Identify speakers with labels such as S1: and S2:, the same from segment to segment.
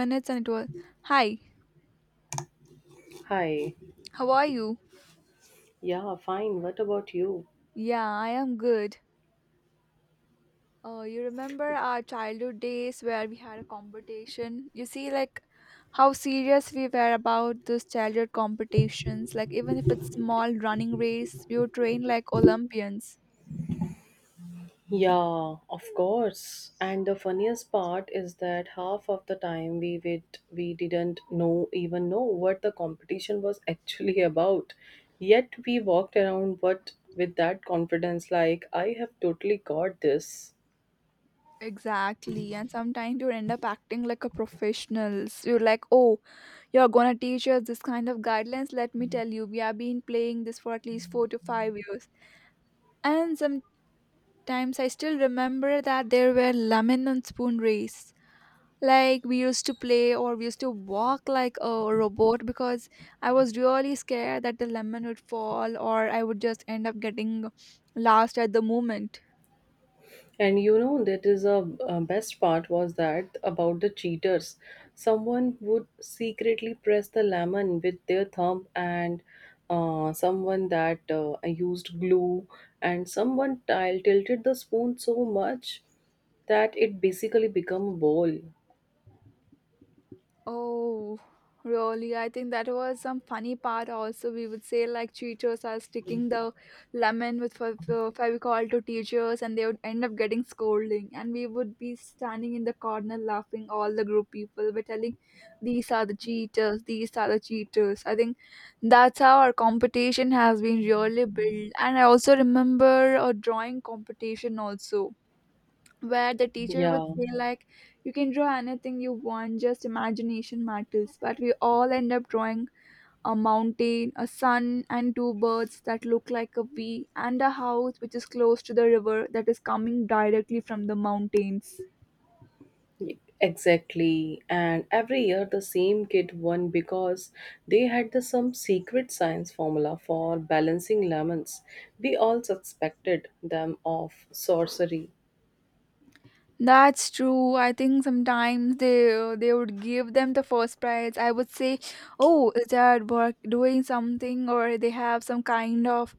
S1: Minutes and it was, hi,
S2: Hi.
S1: how are you?
S2: Yeah, fine. What about you?
S1: Yeah, I am good. You remember our childhood days where we had a competition? You see, like, how serious we were about those childhood competitions. Like, even if it's small running race, we would train like Olympians.
S2: Yeah, of course. And the funniest part is that half of the time we wait, we didn't know even know what the competition was actually about. Yet we walked around but with that confidence like I have totally got this.
S1: Exactly. And sometimes you end up acting like a professionals. You're like, oh, you're gonna teach us this kind of guidelines. Let me tell you, we have been playing this for at least 4 to 5 years. And some. Times I still remember that there were lemon and spoon race. Like we used to play or we used to walk like a robot because I was really scared that the lemon would fall or I would just end up getting last at the moment.
S2: And you know that is a best part was that about the cheaters. Someone would secretly press the lemon with their thumb, and someone that used glue, and someone tilted the spoon so much that it basically became a bowl.
S1: Oh, really? I think that was some funny part also. We would say like teachers are sticking the lemon with Fevicol to teachers and they would end up getting scolding. And we would be standing in the corner laughing, all the group people were telling, these are the cheaters, these are the cheaters. I think that's how our competition has been really built. And I also remember a drawing competition also where the teacher would
S2: Yeah.
S1: say like you can draw anything you want, just imagination matters, but we all end up drawing a mountain, a sun, and two birds that look like a V, and a house which is close to the river that is coming directly from the mountains.
S2: Exactly, and every year the same kid won because they had the some secret science formula for balancing lemons. We all suspected them of sorcery.
S1: That's true. I think sometimes they would give them the first prize. I would say, oh, is that work doing something, or they have some kind of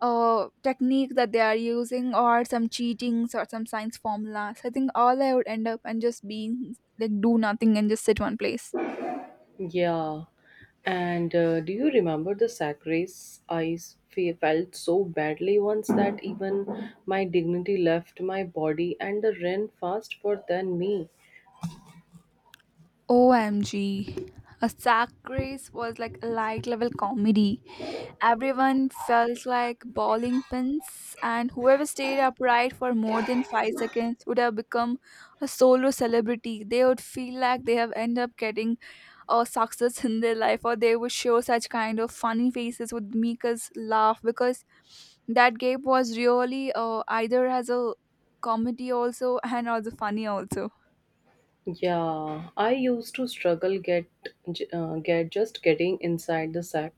S1: technique that they are using, or some cheatings or some science formulas. I think all I would end up and just being like do nothing and just sit one place.
S2: Yeah, and do you remember the sacrifice I felt so badly once that even my dignity left my body and the rain fast for than me?
S1: OMG, A sack race was like a light level comedy. Everyone felt like bowling pins, and whoever stayed upright for more than 5 seconds would have become a solo celebrity. They would feel like they have ended up getting a success in their life, or they would show such kind of funny faces would make us laugh because that gap was really either as a comedy also and also funny also.
S2: Yeah, I used to struggle get get just getting inside the sack.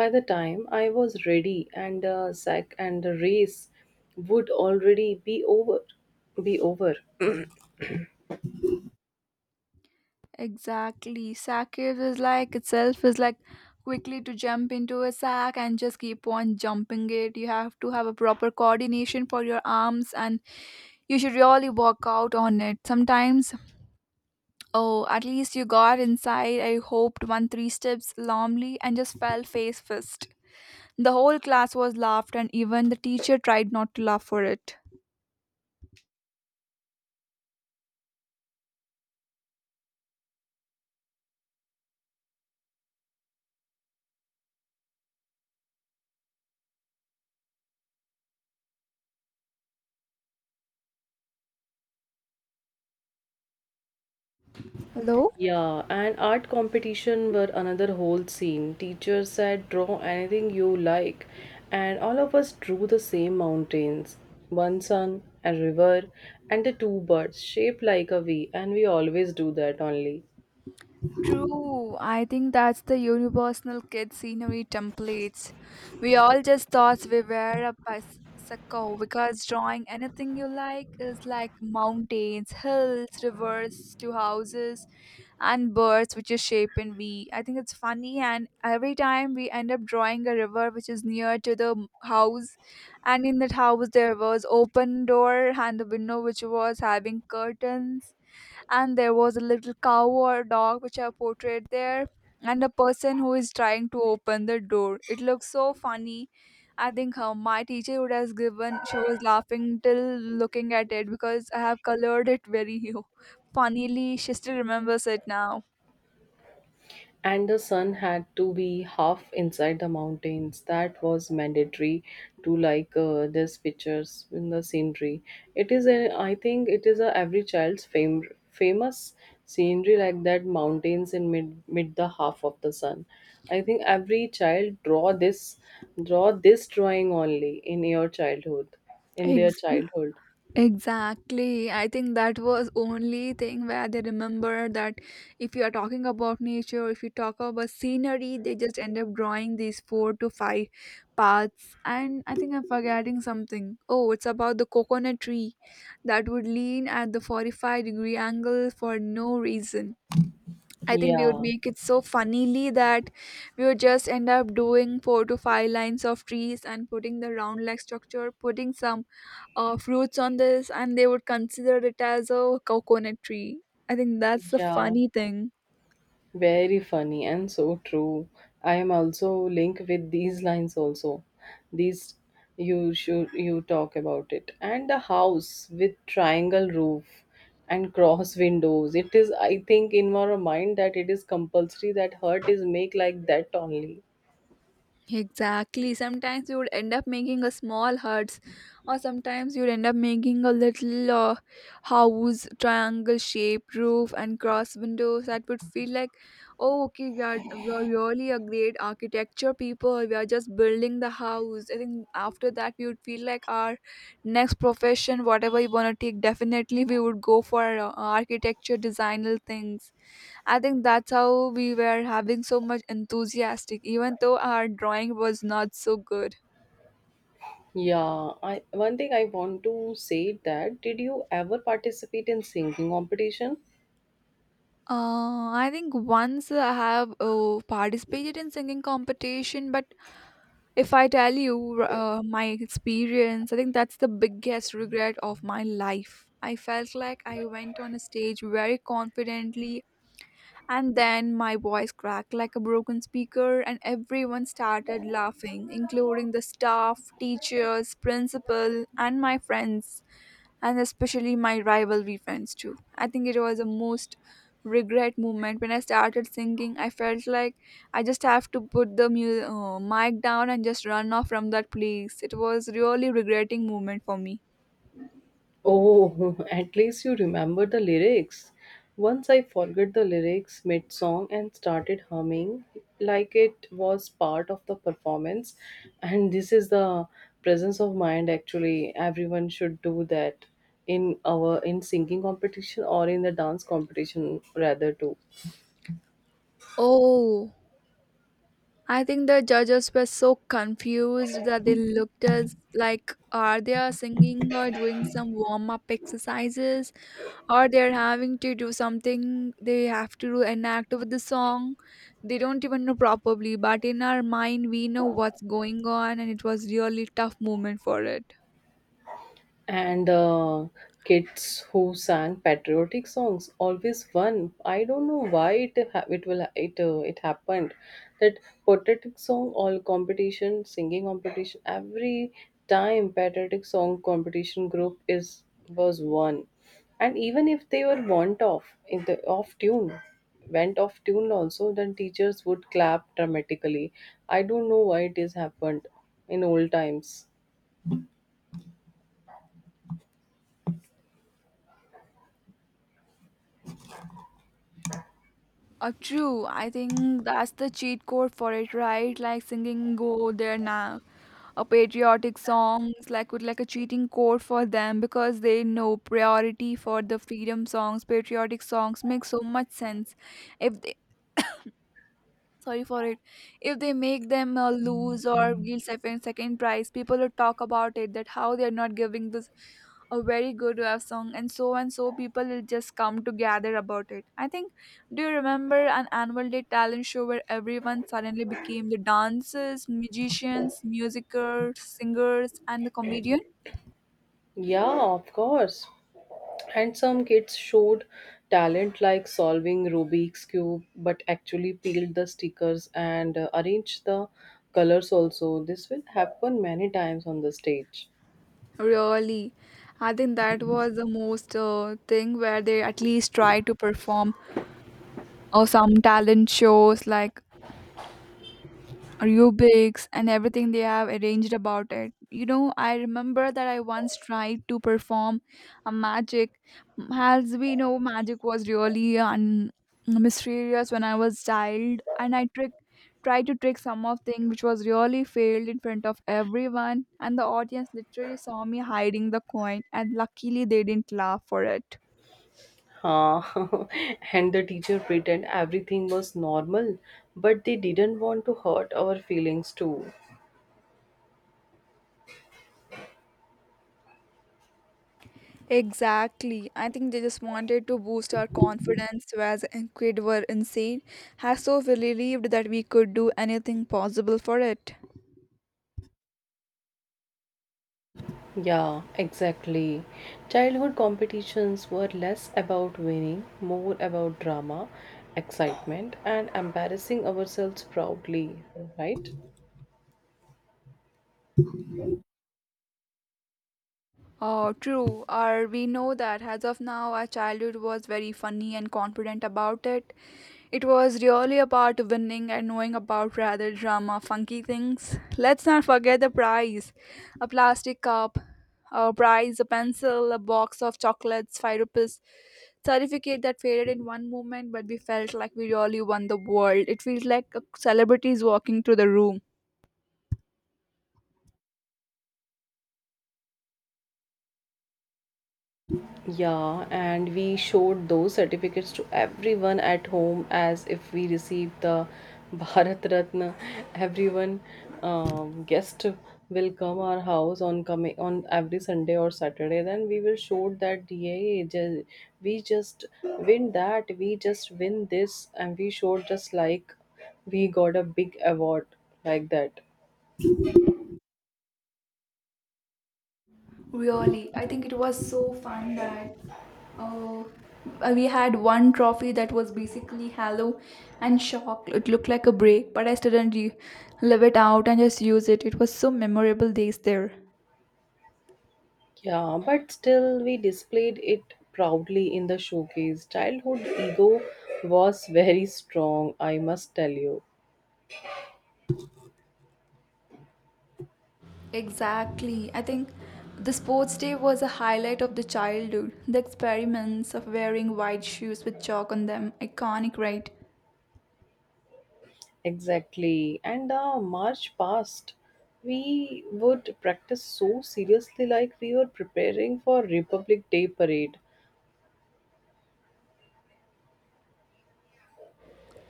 S2: By the time I was ready, and the sack and the race would already be over, be over.
S1: Exactly. Sackave is like itself is like quickly to jump into a sack and just keep on jumping it. You have to have a proper coordination for your arms, and you should really work out on it. Sometimes, oh, at least you got inside. I hoped one three steps calmly and just fell face first. The whole class was laughed, and even the teacher tried not to laugh for it. Hello?
S2: Yeah, and art competition were another whole scene. Teacher said, draw anything you like, and all of us drew the same mountains, one sun, a river, and the two birds shaped like a V, and we always do that only.
S1: True, I think that's the universal kid scenery templates. We all just thought we were a psycho because drawing anything you like is like mountains, hills, rivers to houses, and birds which is shape in V. I think it's funny, and every time we end up drawing a river which is near to the house, and in that house there was open door and the window which was having curtains, and there was a little cow or dog which are portrayed there, and a person who is trying to open the door. It looks so funny. I think how my teacher would have given, she was laughing till looking at it because I have colored it very funnily. She still remembers it now.
S2: And the sun had to be half inside the mountains. That was mandatory to like these pictures in the scenery. It is a, I think it is a every child's famous scenery like that mountains in mid the half of the sun. I think every child draw this drawing only in your childhood, in their
S1: Exactly.
S2: childhood.
S1: Exactly. I think that was only thing where they remember that if you are talking about nature, if you talk about scenery, they just end up drawing these 4 to 5 paths. And I think I'm forgetting something. Oh, it's about the coconut tree that would lean at the 45-degree angle for no reason. I think we would
S2: Yeah,
S1: make it so funnily that we would just end up doing 4 to 5 lines of trees and putting the round leg structure, putting some fruits on this, and they would consider it as a coconut tree. I think that's the
S2: yeah.
S1: funny thing.
S2: Very funny and so true. I am also linked with these lines also. These you should you talk about it. And the house with triangle roof and cross windows. It is I think in our mind that it is compulsory that hurt is make like that only.
S1: Exactly. Sometimes you would end up making a small huts, or sometimes you'd end up making a little house, triangle shape, roof, and cross windows that would feel like, oh, okay, we are really a great architecture people. We are just building the house. I think after that we would feel like our next profession, whatever you wanna take, definitely we would go for architecture designer things. I think that's how we were having so much enthusiastic, even though our drawing was not so good.
S2: Yeah, I one thing I want to say that did you ever participate in singing competition?
S1: I think once I have participated in singing competition, but if I tell you my experience, I think that's the biggest regret of my life. I felt like I went on a stage very confidently, and then my voice cracked like a broken speaker, and everyone started laughing, including the staff, teachers, principal, and my friends, and especially my rivalry friends, too. I think it was the most regret moment when I started singing. I felt like I just have to put the mic down and just run off from that place. It was really regretting moment for me.
S2: Oh, at least you remember the lyrics. Once I forgot the lyrics mid song and started humming like it was part of the performance. And this is the presence of mind actually. Everyone should do that in our in singing competition or in the dance competition rather too.
S1: Oh, I think the judges were so confused that they looked at us like, are they are singing or doing some warm up exercises, or they're having to do something, they have to do enact with the song they don't even know properly, but in our mind we know what's going on, and it was really tough moment for it.
S2: And kids who sang patriotic songs always won. I don't know why it ha- it will it it happened that patriotic song all competition singing competition every time patriotic song competition group is was won, and even if they were want off in the off tune went off tune also then teachers would clap dramatically. I don't know why it is happened in old times.
S1: True, I think that's the cheat code for it, right? Like singing go there now, a patriotic songs, like with like a cheating code for them, because they know priority for the freedom songs, patriotic songs make so much sense if, sorry for it, if they make them lose or give second prize, people will talk about it that how they are not giving this a very good song, and so people will just come to gather about it. I think, do you remember an annual day talent show where everyone suddenly became the dancers, magicians, musicers, singers, and the comedian?
S2: Yeah, of course. And some kids showed talent like solving Rubik's Cube, but actually peeled the stickers and arranged the colors also. This will happen many times on the stage.
S1: Really, I think that was the most thing where they at least try to perform, or some talent shows like aerobics and everything they have arranged about it. You know, I remember that I once tried to perform a magic. As we know, magic was really mysterious when I was child, and I trick tried to trick some of thing which was really failed in front of everyone, and the audience literally saw me hiding the coin, and luckily they didn't laugh for it.
S2: Ah, and the teacher pretend everything was normal, but they didn't want to hurt our feelings too.
S1: Exactly. I think they just wanted to boost our confidence, whereas kid were insane, has so believed that we could do anything possible for it.
S2: Yeah, exactly. Childhood competitions were less about winning, more about drama, excitement, and embarrassing ourselves proudly, right?
S1: Oh, true. Or we know that as of now, our childhood was very funny and confident about it. It was really about winning and knowing about rather drama, funky things. Let's not forget the prize, a plastic cup, a prize, a pencil, a box of chocolates, 5 rupees, certificate that faded in one moment, but we felt like we really won the world. It feels like a celebrity is walking through the room.
S2: Yeah, and we showed those certificates to everyone at home as if we received the Bharat Ratna. Everyone guest will come our house on coming on every Sunday or Saturday. Then we will show that yeah, we just win that, we just win this, and we showed just like we got a big award like that.
S1: Really, I think it was so fun that uh, we had one trophy that was basically hollow and shocked. It looked like a break, but I didn't live it out and just use it. It was so memorable days there.
S2: Yeah, but still, we displayed it proudly in the showcase. Childhood ego was very strong, I must tell you.
S1: Exactly. I think the sports day was a highlight of the childhood. The experiments of wearing white shoes with chalk on them, iconic, right?
S2: Exactly. And the march past, we would practice so seriously, like we were preparing for Republic Day parade.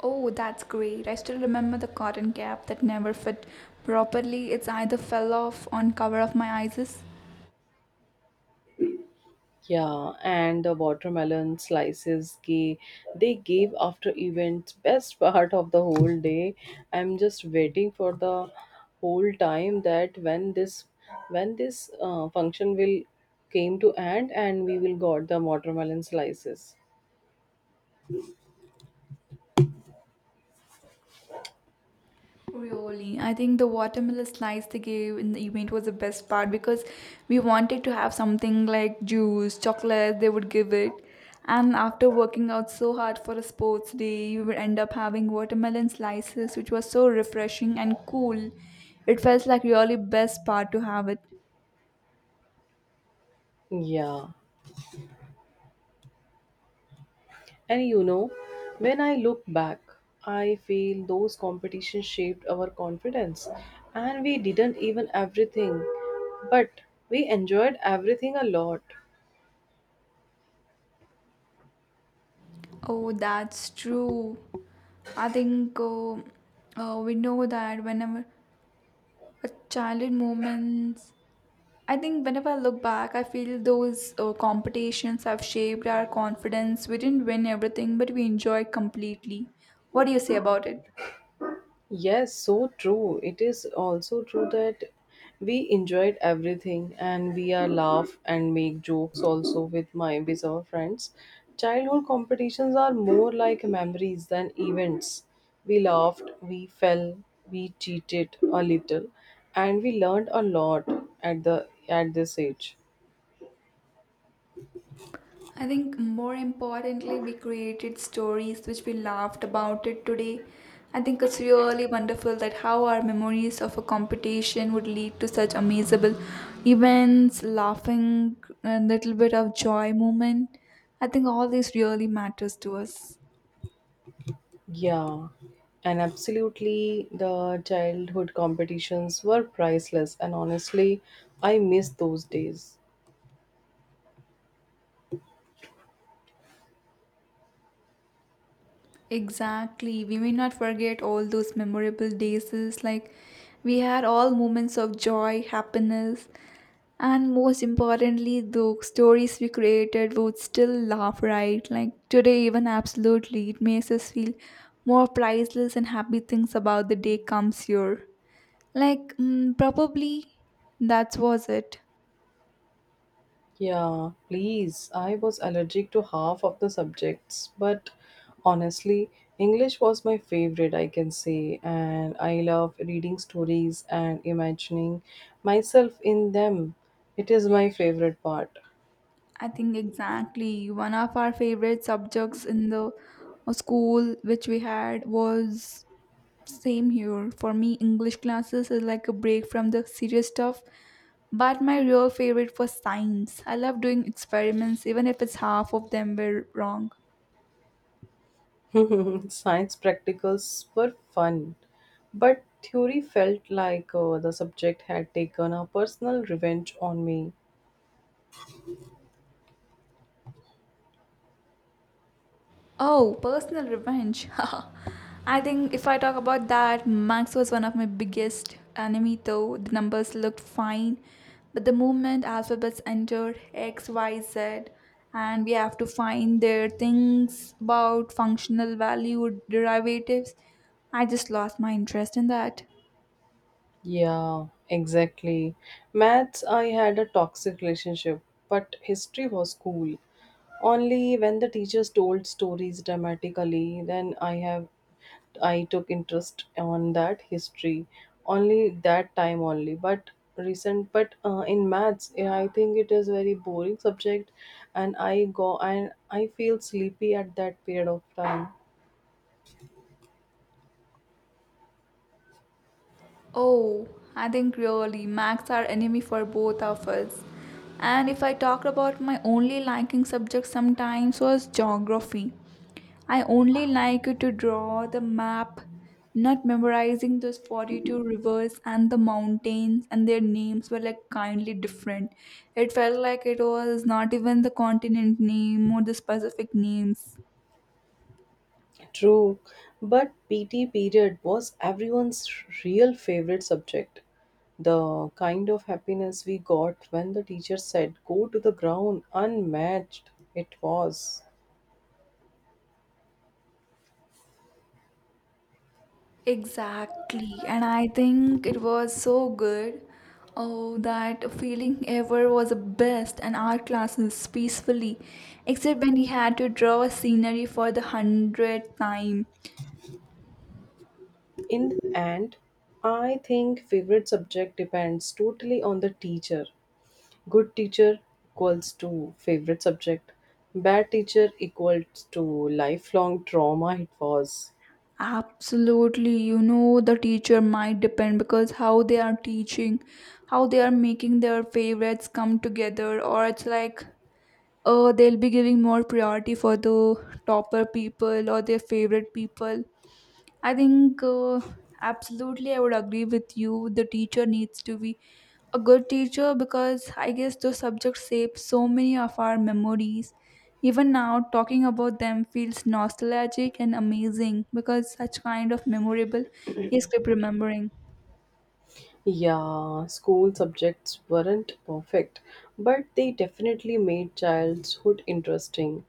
S1: Oh, that's great. I still remember the cotton cap that never fit properly. It's either fell off on cover of my eyes.
S2: Yeah, and the watermelon slices gave, they gave after events best part of the whole day. I'm just waiting for the whole time that when this when this function will came to end and we will got the watermelon slices.
S1: Really, I think the watermelon slice they gave in the event was the best part because we wanted to have something like juice, chocolate, they would give it. And after working out so hard for a sports day, you would end up having watermelon slices, which was so refreshing and cool. It felt like really best part to have it.
S2: Yeah. And you know, when I look back, I feel those competitions shaped our confidence and we didn't even everything, but we enjoyed everything a lot.
S1: Oh, that's true. I think We know that whenever a childhood moments, I think whenever I look back, I feel those competitions have shaped our confidence. We didn't win everything, but we enjoyed completely. What do you say about it?
S2: Yes, so true. It is also true that we enjoyed everything and we are laugh and make jokes also with my with our friends. Childhood competitions are more like memories than events. We laughed, we fell, we cheated a little, and we learned a lot at this age.
S1: I think more importantly, we created stories which we laughed about it today. I think it's really wonderful that how our memories of a competition would lead to such amazable events, laughing, a little bit of joy moment. I think all this really matters to us.
S2: Yeah, and absolutely, the childhood competitions were priceless, and honestly, I miss those days.
S1: Exactly. We may not forget all those memorable days. It's like we had all moments of joy, happiness, and most importantly, the stories we created would still laugh, right? Like today, even absolutely, it makes us feel more priceless and happy things about the day comes here. Probably that was it.
S2: Yeah, please. I was allergic to half of the subjects, but honestly, English was my favorite, I can say, and I love reading stories and imagining myself in them. It is my favorite part.
S1: I think exactly one of our favorite subjects in the school which we had was same here. For me, English classes is like a break from the serious stuff. But my real favorite was science. I love doing experiments, even if it's half of them were wrong.
S2: Science practicals were fun, but theory felt like the subject had taken a personal revenge on me.
S1: Oh, personal revenge. I think if I talk about that, Max was one of my biggest enemy though. The numbers looked fine, but the moment alphabets entered X, Y, Z, and we have to find their things about functional value derivatives, I just lost my interest in that.
S2: Yeah, exactly. Maths, I had a toxic relationship, but history was cool. Only when the teachers told stories dramatically, then I took interest on that history. Only that time only, but recent. But in maths, yeah, I think it is very boring subject, and I go and I feel sleepy at that period of time.
S1: Oh, I think really Max are enemy for both of us. And if I talked about my only liking subject sometimes was geography. I only like to draw the map, not memorizing those 42 rivers and the mountains and their names were like kindly different. It felt like it was not even the continent name or the specific names.
S2: True, but PT period was everyone's real favorite subject. The kind of happiness we got when the teacher said, go to the ground, unmatched, it was.
S1: Exactly, and I think it was so good. Oh, that feeling ever was the best. And art classes peacefully, except when he had to draw a scenery for the 100th time.
S2: In the end, I think favorite subject depends totally on the teacher. Good teacher equals to favorite subject, bad teacher equals to lifelong trauma, it was.
S1: Absolutely, you know, the teacher might depend because how they are teaching, how they are making their favorites come together, or it's like they'll be giving more priority for the topper people or their favorite people. I think absolutely I would agree with you. The teacher needs to be a good teacher because I guess those subjects shape so many of our memories. Even now, talking about them feels nostalgic and amazing because such kind of memorable is keep remembering.
S2: Yeah, school subjects weren't perfect, but they definitely made childhood interesting.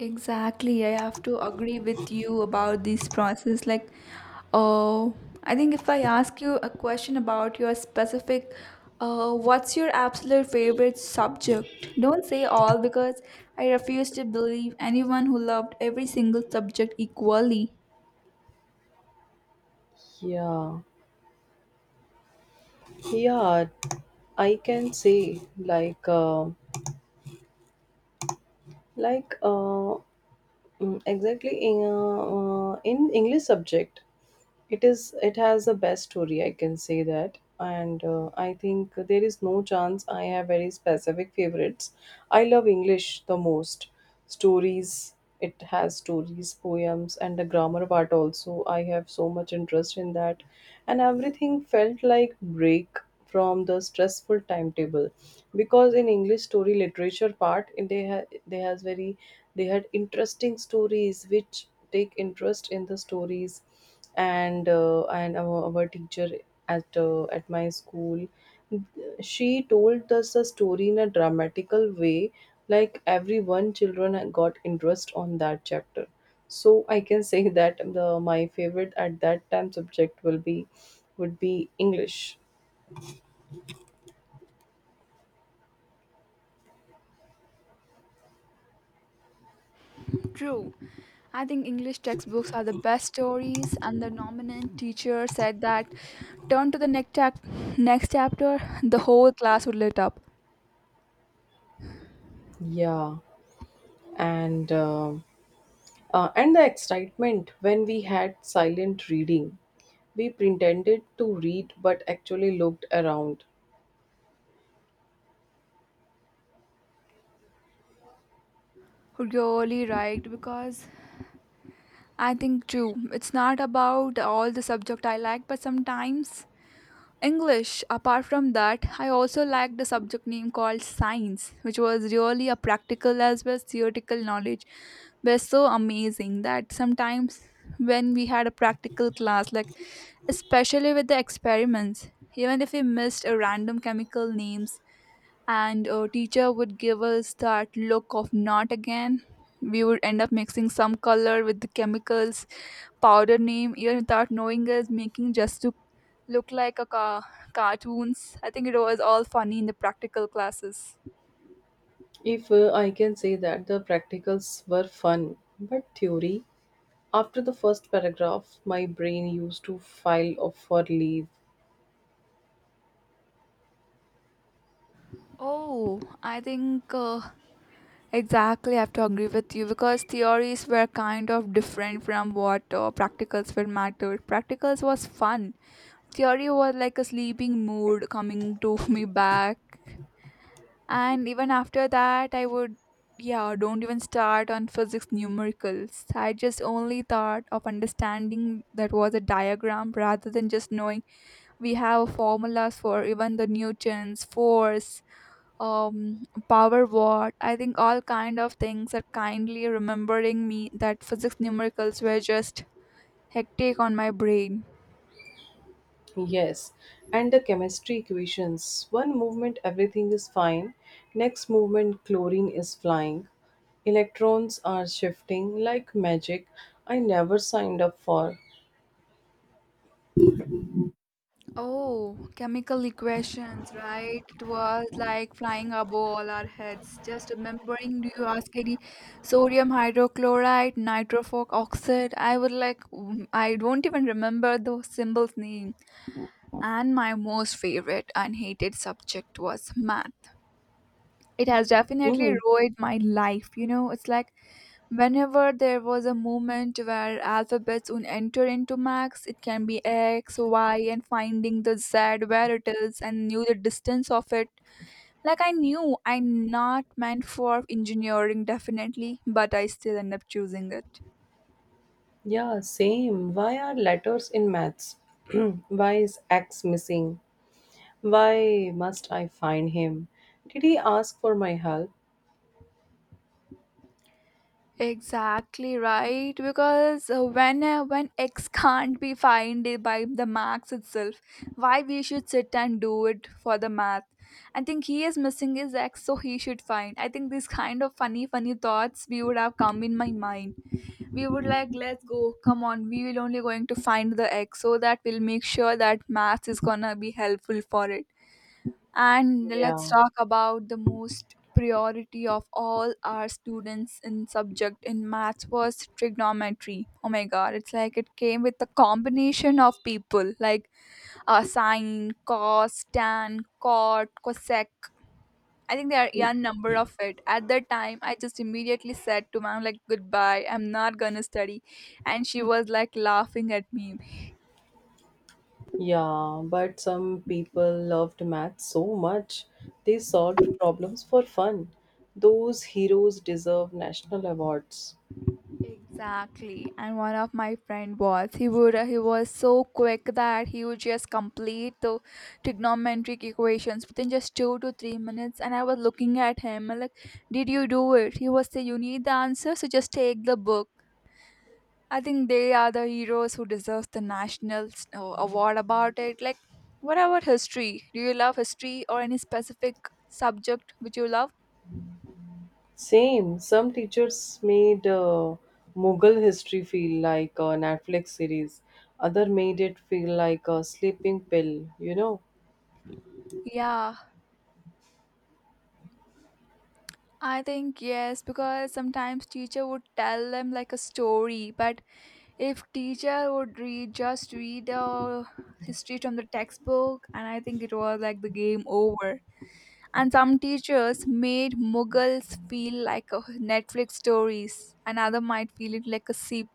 S1: Exactly, I have to agree with you about this process. Like, oh, I think if I ask you a question about your specific, what's your absolute favorite subject? Don't say all because I refuse to believe anyone who loved every single subject equally.
S2: Yeah, yeah, I can say like, uh, exactly in English subject. It is it has the best story I can say that and I think there is no chance I have very specific favorites. I love English the most. Stories, it has stories, poems and the grammar part also. I have so much interest in that, and everything felt like break from the stressful timetable, because in English story literature part they has very they had interesting stories which take interest in the stories. And And our teacher at my school, she told us the story in a dramatical way, like every one children had got interest on that chapter. So I can say that the my favorite at that time subject will be would be English.
S1: True. I think English textbooks are the best stories, and the dominant teacher said that turn to the next, next chapter, the whole class would lit up.
S2: Yeah, and um and the excitement when we had silent reading. We pretended to read but actually looked around.
S1: Really right, because I think too, it's not about all the subject I like, but sometimes English. Apart from that, I also like the subject name called science, which was really a practical as well as theoretical knowledge. Were so amazing that sometimes when we had a practical class, like especially with the experiments, even if we missed a random chemical names and teacher would give us that look of not again, we would end up mixing some color with the chemicals powder name even without knowing us making just to look like a cartoons. I think it was all funny in the practical classes.
S2: If I can say that the practicals were fun, but theory, after the first paragraph, my brain used to file off for leave.
S1: Oh, I think exactly I have to agree with you because theories were kind of different from what practicals were mattered. Practicals was fun, theory was like a sleeping mood coming to me back. And even after that, I would, yeah, don't even start on physics numericals. I just only thought of understanding that was a diagram rather than just knowing we have formulas for even the Newtons, force, power watt. I think all kind of things are kindly remembering me that physics numericals were just hectic on my brain.
S2: Yes, and the chemistry equations. One movement, everything is fine. Next movement, chlorine is flying. Electrons are shifting like magic. I never signed up for.
S1: Oh, chemical equations, right? It was like flying above all our heads. Just remembering, do you ask any sodium hydrochloride, nitrophoric oxide? I would like, I don't even remember the symbol's name. And my most favorite and hated subject was math. It has definitely
S2: Mm-hmm.
S1: ruined my life, you know? It's like whenever there was a moment where alphabets would enter into Max, it can be X, Y, and finding the Z where it is and knew the distance of it. Like I knew I'm not meant for engineering definitely, but I still end up choosing it.
S2: Yeah, same. Why are letters in maths? Why is X missing? Why must I find him? Did he ask for my help?
S1: Exactly right, because when when X can't be found by the max itself, why we should sit and do it for the math? I think he is missing his X, so he should find. I think these kind of funny, funny thoughts we would have come in my mind. We would like, let's go, come on, we will only going to find the X, so that we'll make sure that math is gonna be helpful for it. And let's
S2: Yeah,
S1: talk about the most priority of all our students in subject in maths was trigonometry. Oh my god, it's like it came with a combination of people like sine, cos, tan, cot, cosec. I think there are a number of it. At that time, I just immediately said to mom like goodbye. I'm not gonna study, and she was like laughing at me.
S2: yeah, but some people loved math so much they solved problems for fun. Those heroes deserve national awards.
S1: Exactly. And one of my friend was he was so quick that he would just complete the trigonometric equations within just 2 to 3 minutes. And I was looking at him, I like, did you do it? He was say, you need the answer, so just take the book. I think they are the heroes who deserves the national award about it. Like, what about history? Do you love history or any specific subject which you love?
S2: Same, some teachers made Mughal history feel like a Netflix series, other made it feel like a sleeping pill, you know.
S1: Yeah. I think yes, because sometimes teacher would tell them like a story, but if teacher would read just read the history from the textbook, and I think it was like the game over. And some teachers made Mughals feel like a Netflix stories, and other might feel it like a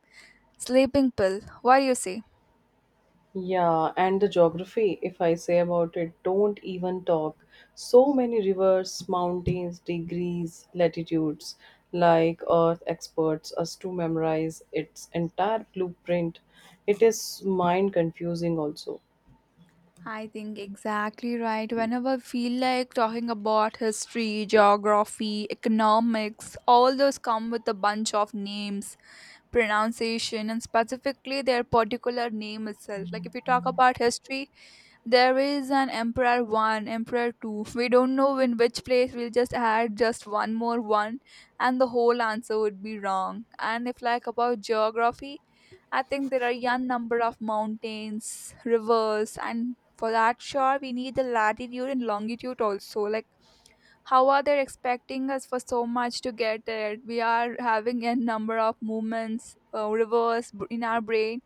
S1: sleeping pill. What do you say?
S2: Yeah, and the geography, if I say about it, don't even talk. So many rivers, mountains, degrees, latitudes, like Earth experts, us to memorize its entire blueprint. It is mind confusing also.
S1: I think exactly right. Whenever I feel like talking about history, geography, economics, all those come with a bunch of names pronunciation and specifically their particular name itself. Like if you talk about history, there is an Emperor One, Emperor Two. We don't know in which place we'll just add just one more one, and the whole answer would be wrong. And if like about geography, I think there are young number of mountains, rivers, and for that sure we need the latitude and longitude also. Like how are they expecting us for so much to get it? We are having a number of movements in our brain,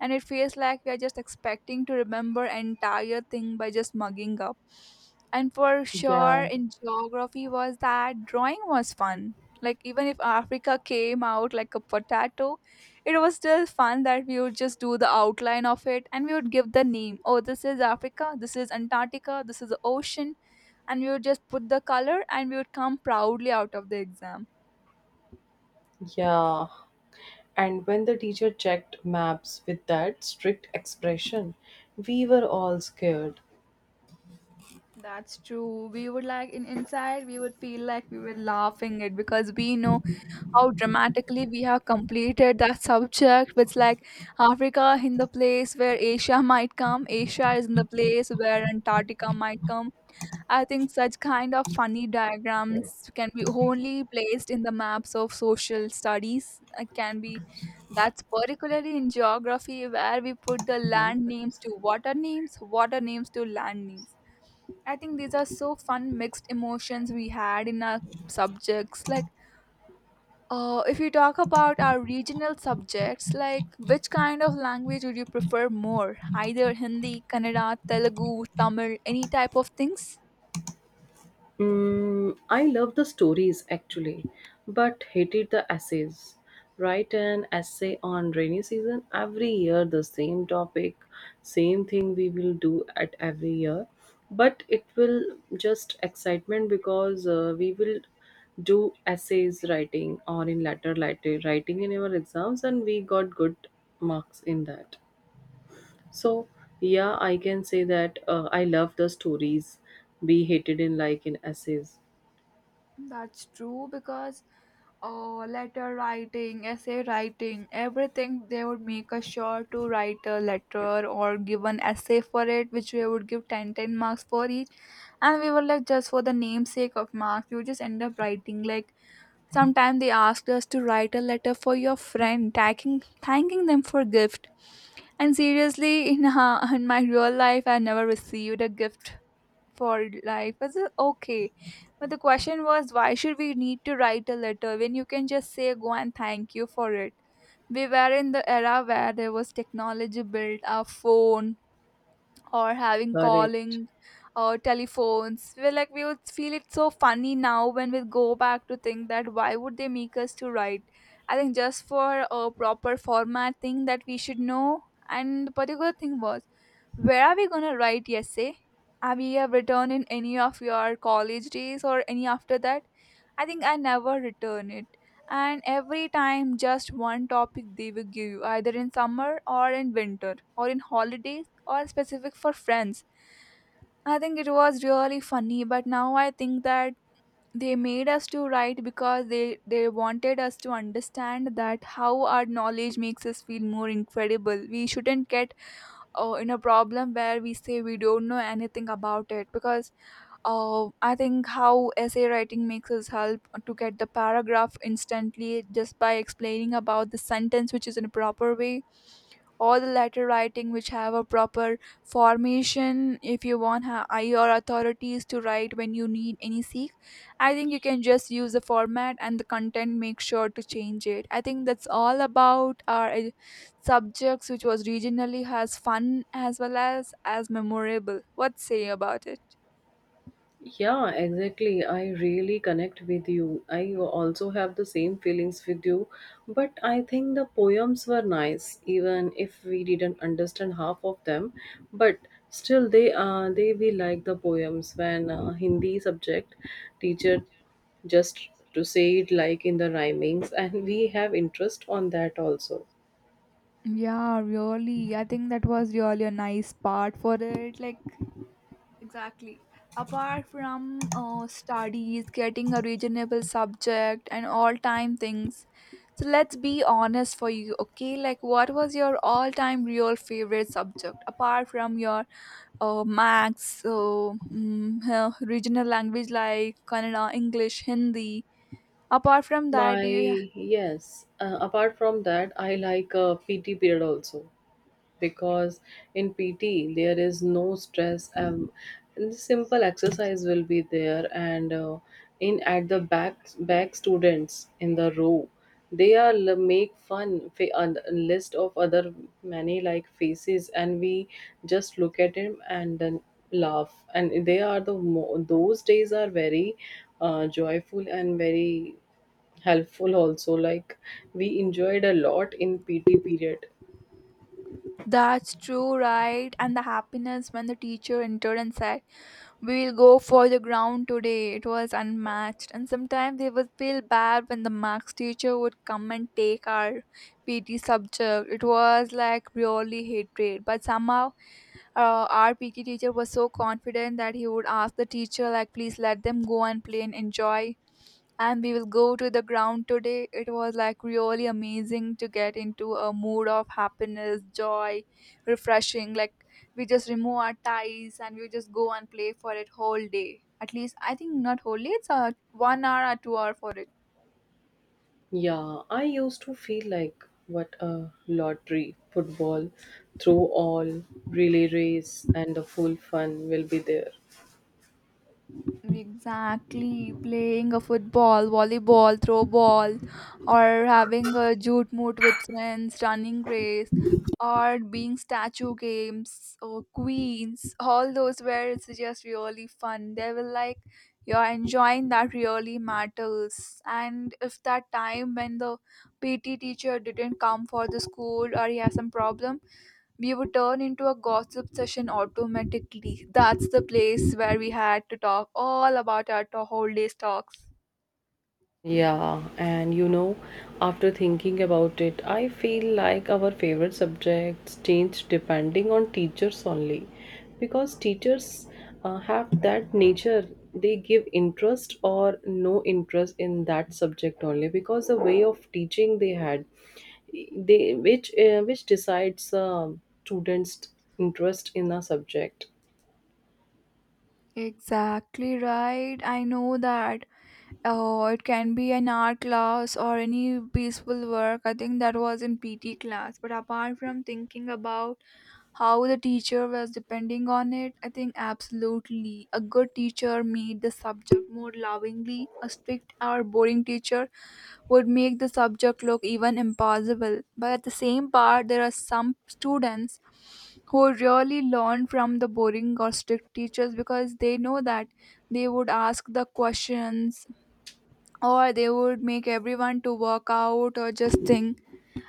S1: and it feels like we are just expecting to remember entire thing by just mugging up. And for sure
S2: Yeah,
S1: in geography was that drawing was fun. Like even if Africa came out like a potato, it was still fun that we would just do the outline of it and we would give the name, oh, this is Africa, this is Antarctica, this is the ocean, and we would just put the color and we would come proudly out of the exam.
S2: yeah. And when the teacher checked maps with that strict expression, we were all scared.
S1: That's true. We would like in inside we would feel like we were laughing it because we know how dramatically we have completed that subject. It's like Africa in the place where Asia might come, Asia is in the place where Antarctica might come. I think such kind of funny diagrams can be only placed in the maps of social studies. It can be that's particularly in geography where we put the
S2: One
S1: land
S2: five
S1: names
S2: seven.
S1: to water names to land names. I think these are so fun mixed emotions we had in our subjects. Like, if you talk about our regional subjects, like which kind of language would you prefer more? Either Hindi, Kannada, Telugu, Tamil, any type of things?
S2: Mm, I love the stories actually, but hated the essays. Write an essay on rainy season every year, the same topic, same thing we will do at every year, but it will just excitement because we will do essays writing or in letter writing in our exams, and we got good marks in that. So yeah, I can say that I love the stories be hated in like in essays.
S1: That's true because letter writing, essay writing, everything they would make us sure to write a letter or give an essay for it, which we would give 10 10 marks for each. And we were like, just for the namesake of marks, you just end up writing. Like, sometimes they asked us to write a letter for your friend, thanking them for gift. And seriously, in my real life, I never received a gift for life is okay. But the question was why should we need to write a letter when you can just say go and thank you for it? We were in the era where there was technology built our phone or having
S2: Correct.
S1: calling or telephones. We're like we would feel it so funny now when we go back to think that why would they make us to write? I think just for a proper format thing that we should know, and the particular thing was where are we gonna write essay? Have you ever written in any of your college days or any after that? I think I never return it. And every time just one topic they will give you, either in summer or in winter, or in holidays or specific for friends. I think it was really funny, but now I think that they made us to write because they wanted us to understand that how our knowledge makes us feel more incredible. We shouldn't get in a problem where we say we don't know anything about it. Because I think how essay writing makes us help to get the paragraph instantly just by explaining about the sentence which is in a proper way. All the letter writing which have a proper formation, if you want your authorities to write when you need any seek, I think you can just use the format and the content, make sure to change it. I think that's all about our subjects which was regionally as fun as well as memorable. What say about it?
S2: Yeah, exactly. I really connect with you. I also have the same feelings with you. But I think the poems were nice, even if we didn't understand half of them. But still, they we like the poems when Hindi subject teacher just to say it like in the rhymings, and we have interest on that also.
S1: Yeah, really, I think that was really a nice part for it, like. Exactly. Apart from studies, getting a reasonable subject, and all time things. So let's be honest for you, okay? Like, what was your all time real favorite subject? Apart from your regional language like Kannada, English, Hindi. Apart from that,
S2: My
S1: do you.
S2: Yes. Apart from that, I like PT period also, because in PT there is no stress. And the simple exercise will be there, and in at the back students in the row, they are make fun a list of other many like faces, and we just look at him and then laugh. And they are the those days are very joyful and very helpful also like we enjoyed a lot in PT period.
S1: That's true, right? And the happiness when the teacher entered and said, we'll go for the ground today. It was unmatched. And sometimes they would feel bad when the max teacher would come and take our PT subject. It was like really hatred. But somehow our PT teacher was so confident that he would ask the teacher like, please let them go and play and enjoy and we will go to the ground today. It was like really amazing to get into a mood of happiness, joy, refreshing. Like, we just remove our ties and we just go and play for it whole day. At least I think not whole day. It's a 1 hour or 2 hour for it.
S2: Yeah, I used to feel like what a lottery football through all relay race and the full fun will be there.
S1: Exactly, playing a football, volleyball, throw ball, or having a jute moot with friends, running race, or being statue games or queens. All those were, it's just really fun. They were like, you're enjoying that really matters. And if that time when the PT teacher didn't come for the school or he has some problem, we would turn into a gossip session automatically. That's the place where we had to talk all about whole day's talks.
S2: Yeah, and you know, after thinking about it, I feel like our favorite subjects change depending on teachers only. Because teachers have that nature, they give interest or no interest in that subject only because the way of teaching they had, they which decides students' interest in a subject.
S1: Exactly right. I know that. Oh, it can be an art class or any peaceful work. I think that was in PT class. But apart from thinking about how the teacher was depending on it, I think absolutely a good teacher made the subject more lovingly. A strict or boring teacher would make the subject look even impossible. But at the same part, there are some students who really learn from the boring or strict teachers because they know that they would ask the questions or they would make everyone to work out or just think.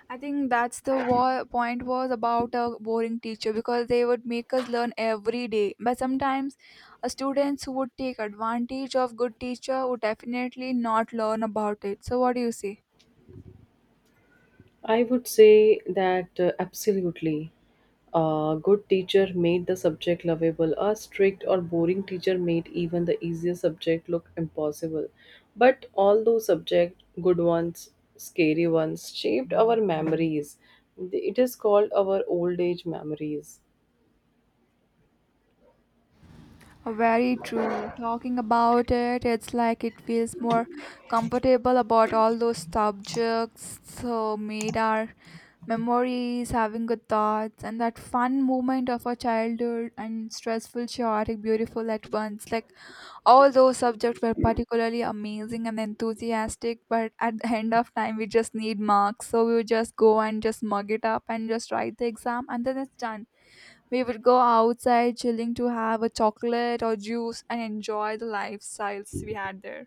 S1: I think that's the point was about a boring teacher, because they would make us learn every day. But sometimes a students who would take advantage of good teacher would definitely not learn about it. So what do you say?
S2: I would say that absolutely. A good teacher made the subject lovable. A strict or boring teacher made even the easiest subject look impossible. But all those subjects, good ones, scary ones, shaped our memories. It is called our old age memories.
S1: Very true. Talking about it, it's like it feels more comfortable about all those subjects. So made our memories, having good thoughts, and that fun moment of our childhood and stressful, chaotic, beautiful at once. Like, all those subjects were particularly amazing and enthusiastic, but at the end of time, we just need marks. So we would just go and just mug it up and just write the exam, and then it's done. We would go outside chilling to have a chocolate or juice and enjoy the lifestyles we had there.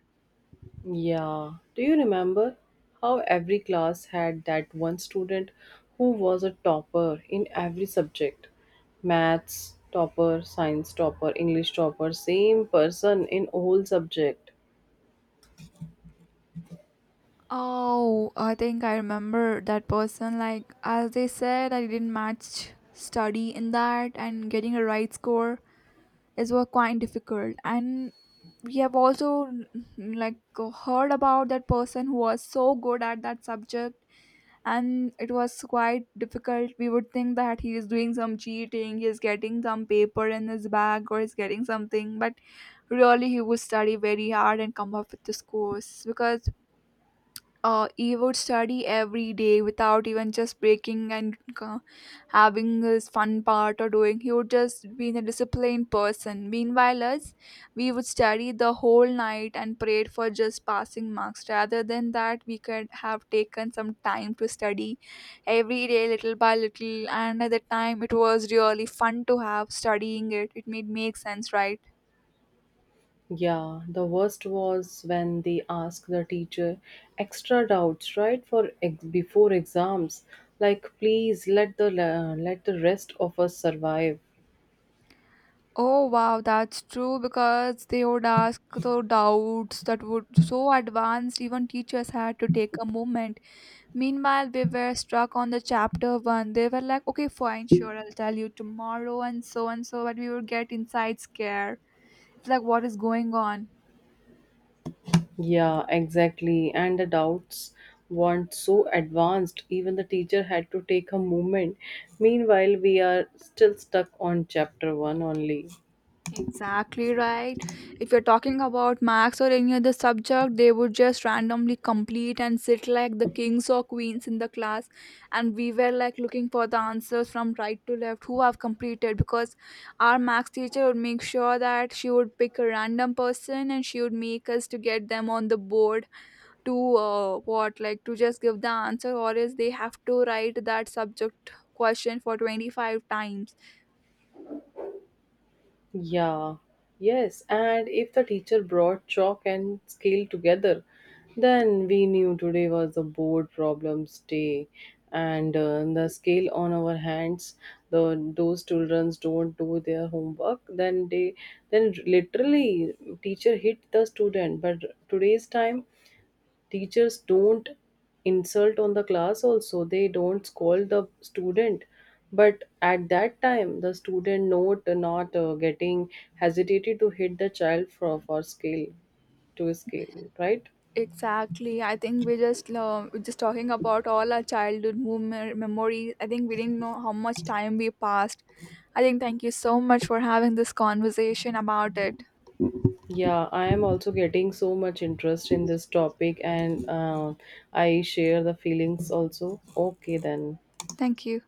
S2: Yeah. Do you remember how every class had that one student who was a topper in every subject? Maths topper, science topper, English topper, same person in all subject.
S1: Oh, I think I remember that person. Like, as they said, I didn't match study in that, and getting a right score is was quite difficult. And we have also, like, heard about that person who was so good at that subject, and it was quite difficult. We would think that he is doing some cheating, he is getting some paper in his bag or is getting something, but really he would study very hard and come up with this course. Because he would study every day without even just breaking and having his fun part or doing. He would just be a disciplined person. Meanwhile, us, we would study the whole night and prayed for just passing marks. Rather than that, we could have taken some time to study every day, little by little. And at the time, it was really fun to have studying it. It made make sense, right?
S2: Yeah, the worst was when they ask the teacher extra doubts right for before exams, like please let the let the rest of us survive.
S1: Oh wow, that's true because they would ask the doubts that would so advanced, even teachers had to take a moment. Meanwhile, we were stuck on the chapter one. They were like, okay, fine, sure, I'll tell you tomorrow and so, but we would get inside scare. It's like, what is going on?
S2: Yeah, exactly. And the doubts weren't so advanced, even the teacher had to take a moment. Meanwhile, we are still stuck on chapter one only.
S1: Exactly right. If you're talking about Max or any other subject, they would just randomly complete and sit like the kings or queens in the class. And we were like looking for the answers from right to left who have completed, because our Max teacher would make sure that she would pick a random person and she would make us to get them on the board to what, like, to just give the answer, or else they have to write that subject question for 25 times.
S2: Yeah, yes. And if the teacher brought chalk and scale together, then we knew today was the board problems day. And the scale on our hands, the those children don't do their homework, then they then literally teacher hit the student. But today's time, teachers don't insult on the class also, they don't scold the student, but at that time the student not getting hesitated to hit the child for scale to scale right.
S1: Exactly. I think we just we're just talking about all our childhood memories. I think we didn't know how much time we passed. I think thank you so much for having this conversation about it.
S2: Yeah, I am also getting so much interest in this topic and I share the feelings also. Okay, then.
S1: Thank you.